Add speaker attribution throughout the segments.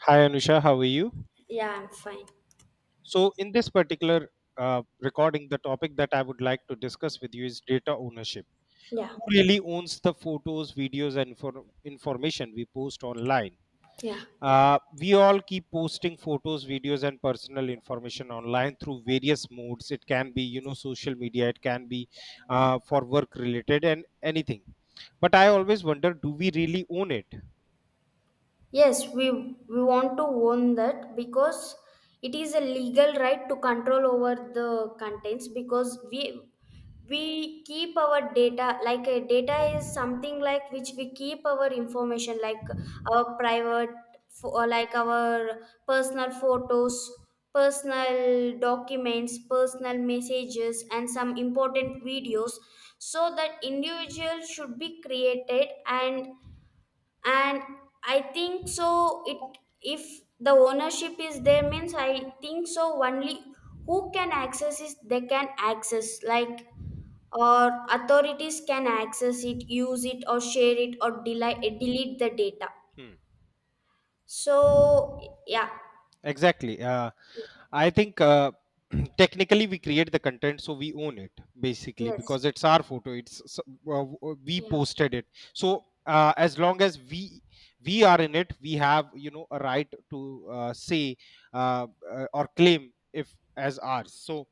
Speaker 1: Hi Anusha, how are you?
Speaker 2: Yeah, I'm fine.
Speaker 1: So, in this particular recording, the topic that I would like to discuss with you is data ownership.
Speaker 2: Yeah.
Speaker 1: Who really owns the photos, videos, and information we post online?
Speaker 2: Yeah.
Speaker 1: We all keep posting photos, videos, and personal information online through various modes. It can be, you know, social media. It can be for work related and anything. But I always wonder, do we really own it?
Speaker 2: Yes, we want to own that because it is a legal right to control over the contents, because we keep our data, like a data is something like which we keep our information like our private or like our personal photos, personal documents, personal messages, and some important videos, so that individual should be created, and I think so it, if the ownership is there means I think so, only who can access is they can access like, or authorities can access it, use it, or share it, or delete the data.
Speaker 1: Hmm.
Speaker 2: So, yeah.
Speaker 1: Exactly. I think technically we create the content, so we own it basically
Speaker 2: Yes.
Speaker 1: because it's our photo. It's we
Speaker 2: Yeah.
Speaker 1: posted it. So as long as we are in it, we have you know a right to say or claim if as ours. So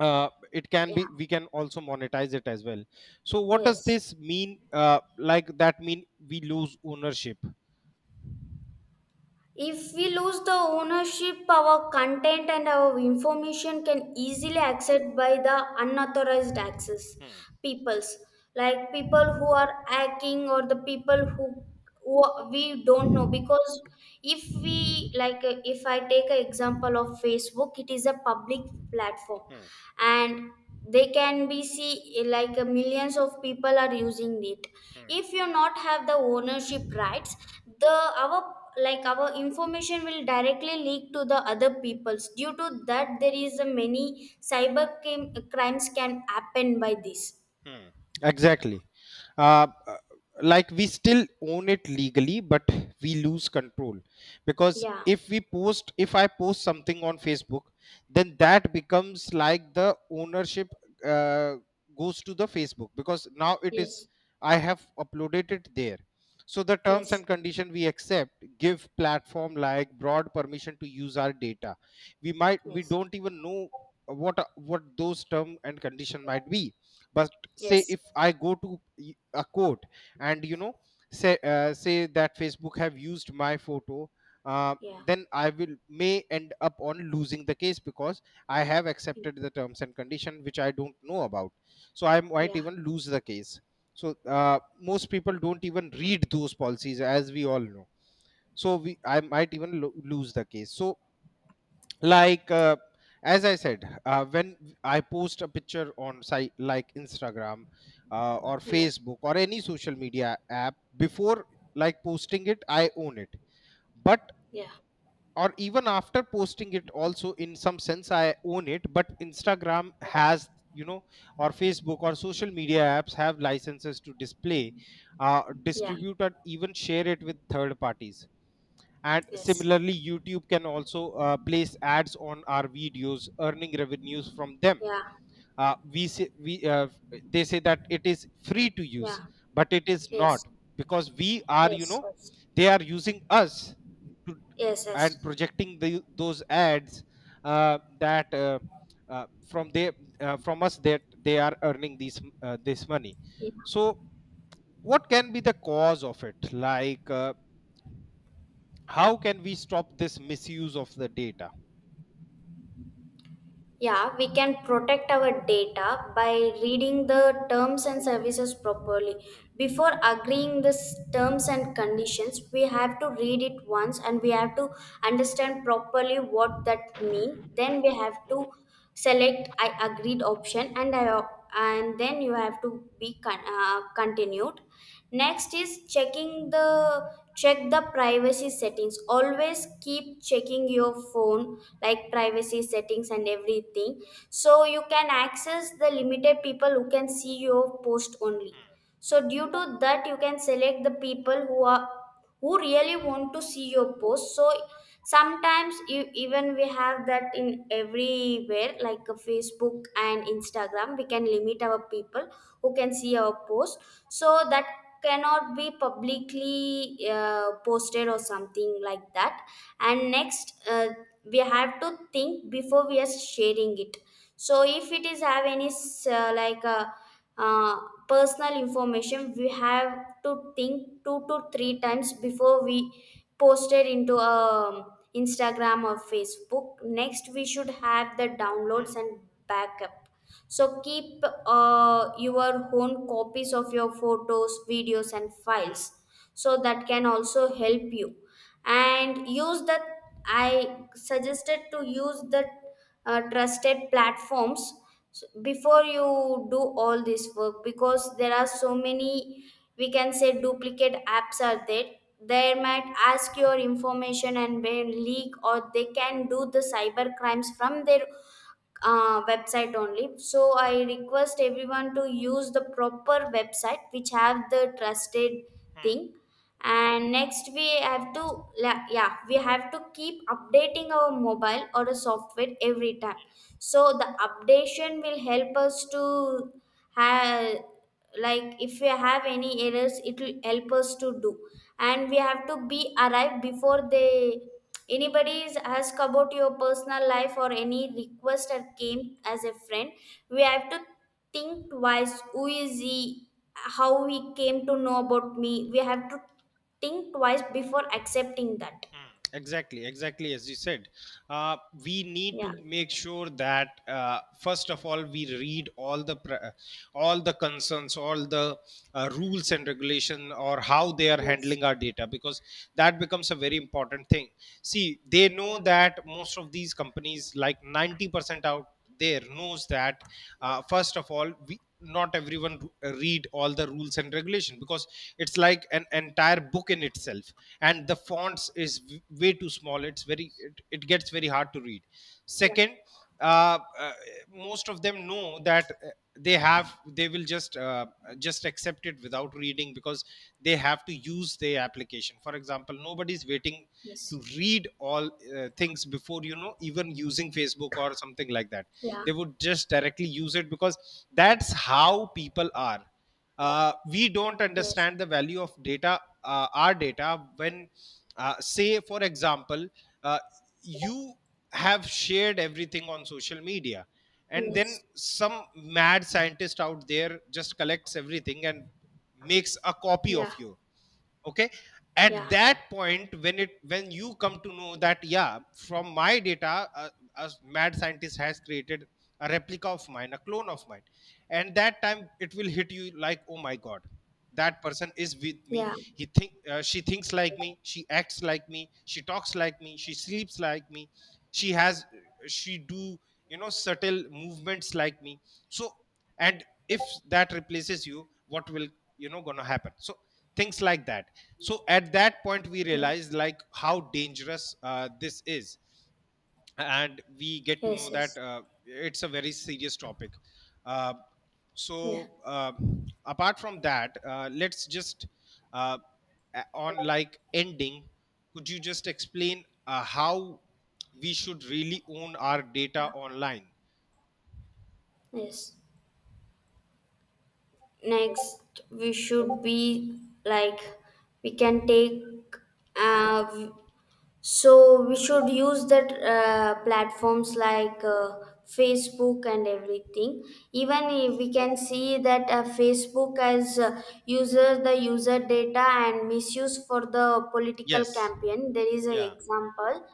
Speaker 1: it can
Speaker 2: Yeah.
Speaker 1: be we can also monetize it as well. So what does
Speaker 2: Yes.
Speaker 1: this mean? Like that mean we lose ownership.
Speaker 2: If we lose the ownership, our content and our information can easily accessed by the unauthorized access peoples, like people who are hacking, or the people who we don't know. Because if we like, if I take an example of Facebook, it is a public platform, and they can be see like millions of people are using it. If you not have the ownership rights, the our our information will directly leak to the other peoples, due to that there is a many cyber crimes can happen by this.
Speaker 1: Hmm. Exactly. Uh, uh, like we still own it legally, but we lose control because
Speaker 2: Yeah.
Speaker 1: if we post, if I post something on Facebook, then that becomes like the ownership uh, goes to the Facebook because now it is
Speaker 2: Yes.
Speaker 1: I have uploaded it there. So the terms
Speaker 2: Yes.
Speaker 1: and condition we accept give platform like broad permission to use our data. We
Speaker 2: Yes.
Speaker 1: don't even know what those term and condition might be, but say
Speaker 2: Yes.
Speaker 1: if I go to a court and you know say say that Facebook have used my photo, uh,
Speaker 2: Yeah.
Speaker 1: then I will may end up on losing the case because I have accepted the terms and condition which I don't know about, so I might
Speaker 2: Yeah.
Speaker 1: even lose the case. So most people don't even read those policies, as we all know. So we I might even lose the case. So like as I said, when I post a picture on site like Instagram, or
Speaker 2: Yeah.
Speaker 1: Facebook or any social media app, before like posting it I own it, but
Speaker 2: Yeah.
Speaker 1: or even after posting it also in some sense I own it, but Instagram has you know or Facebook or social media apps have licenses to display,
Speaker 2: Yeah.
Speaker 1: distribute or even share it with third parties. And
Speaker 2: Yes.
Speaker 1: similarly YouTube can also place ads on our videos, earning revenues from them.
Speaker 2: Yeah.
Speaker 1: We say we they say that it is free to use,
Speaker 2: Yeah.
Speaker 1: but it is not,
Speaker 2: Yes.
Speaker 1: because we are you
Speaker 2: Yes.
Speaker 1: know
Speaker 2: Yes.
Speaker 1: they are using us to
Speaker 2: Yes. Yes.
Speaker 1: and projecting the, those ads that from they, from us, that they are earning these this money.
Speaker 2: Yeah.
Speaker 1: So what can be the cause of it? Like how can we stop this misuse of the data?
Speaker 2: Yeah, we can protect our data by reading the terms and services properly. Before agreeing this terms and conditions, we have to read it once, and we have to understand properly what that mean. Then we have to select I agreed option, and then you have to be continued. Next is check the privacy settings. Always keep checking your phone like privacy settings and everything, so you can access the limited people who can see your post only. So due to that, you can select the people who are who really want to see your post. So sometimes you, even we have that in everywhere like a Facebook and Instagram, we can limit our people who can see our post, so that cannot be publicly posted or something like that. And next, we have to think before we are sharing it. So if it is have any like a uh, personal information, we have to think 2 to 3 times before we post it into Instagram or Facebook. Next we should have the downloads and backup, so keep your own copies of your photos, videos, and files. So that can also help you. And use the I suggested to use the trusted platforms before you do all this work, because there are so many, we can say duplicate apps are there. They might ask your information and may leak, or they can do the cyber crimes from their website only. So I request everyone to use the proper website which have the trusted thing. And next we have to yeah, we have to keep updating our mobile or a software every time. So the updation will help us to have, like if we have any errors, it will help us to do. And we have to be arrived before they anybody is ask about your personal life or any request that came as a friend, we have to think twice who is he, how he came to know about me. We have to think twice before accepting that.
Speaker 1: Hmm. Exactly, exactly, as you said, uh, we need
Speaker 2: Yeah.
Speaker 1: to make sure that first of all we read all the all the concerns, all the rules and regulation or how they are
Speaker 2: Yes.
Speaker 1: handling our data, because that becomes a very important thing. See, they know
Speaker 2: Yeah.
Speaker 1: that most of these companies like 90% out there knows that first of all we not everyone read all the rules and regulation because it's like an entire book in itself, and the fonts is way too small. It's very it, it gets very hard to read.
Speaker 2: Yeah.
Speaker 1: Second, uh, uh, most of them know that they will just accept it without reading because they have to use their application. For example, nobody's waiting to
Speaker 2: Yes.
Speaker 1: read all things before you know even using Facebook or something like that.
Speaker 2: Yeah.
Speaker 1: They would just directly use it because that's how people are. We don't
Speaker 2: Yes.
Speaker 1: understand the value of data, our data, when say for example, uh, you have shared everything on social media and then
Speaker 2: Yes.
Speaker 1: some mad scientist out there just collects everything and makes a copy of
Speaker 2: Yeah.
Speaker 1: you. Okay, at
Speaker 2: Yeah.
Speaker 1: that point when it when you come to know that yeah, from my data a mad scientist has created a replica of mine, a clone of mine, and that time it will hit you like, oh my god, that person is with me.
Speaker 2: Yeah.
Speaker 1: He think she thinks like me, she acts like me, she talks like me, she sleeps like me, she has, she do you know subtle movements like me. So, and if that replaces you, what will you know gonna happen? So things like that. So at that point we
Speaker 2: Yeah.
Speaker 1: realized like how dangerous this is, and we get to know
Speaker 2: Yes.
Speaker 1: that
Speaker 2: Yes.
Speaker 1: it's a very serious topic. uh,
Speaker 2: Yeah.
Speaker 1: so uh, Apart from that, let's just uh, on like ending, could you just explain how we should really own our data
Speaker 2: Yeah.
Speaker 1: online?
Speaker 2: Yes. Next we should be, like, we can take uh, v- so we should use that platforms like Facebook and everything. Even if we can see that Facebook as user data and misuse for the political
Speaker 1: Yes.
Speaker 2: campaign, there is an
Speaker 1: Yeah,
Speaker 2: example.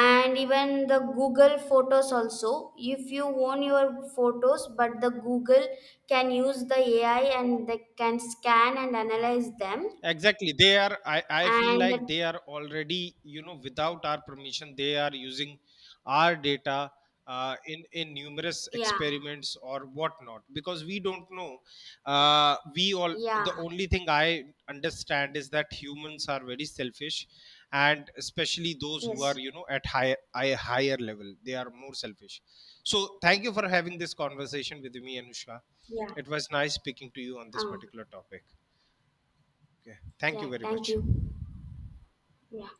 Speaker 2: And even the Google photos also, if you own your photos, but the Google can use the AI and they can scan and analyze them.
Speaker 1: exactly. They are, I feel
Speaker 2: and
Speaker 1: like
Speaker 2: that,
Speaker 1: they are already you know without our permission they are using our data in numerous
Speaker 2: yeah.
Speaker 1: experiments or whatnot because we don't know. We all the
Speaker 2: Yeah.
Speaker 1: only thing I understand is that humans are very selfish, and especially those who are
Speaker 2: Yes.
Speaker 1: you know at higher level they are more selfish. So thank you for having this conversation with me, Anusha.
Speaker 2: Yeah.
Speaker 1: It was nice speaking to you on this
Speaker 2: um,
Speaker 1: particular topic. Okay. Thank you
Speaker 2: yeah
Speaker 1: very
Speaker 2: thank
Speaker 1: much.
Speaker 2: you. Yeah.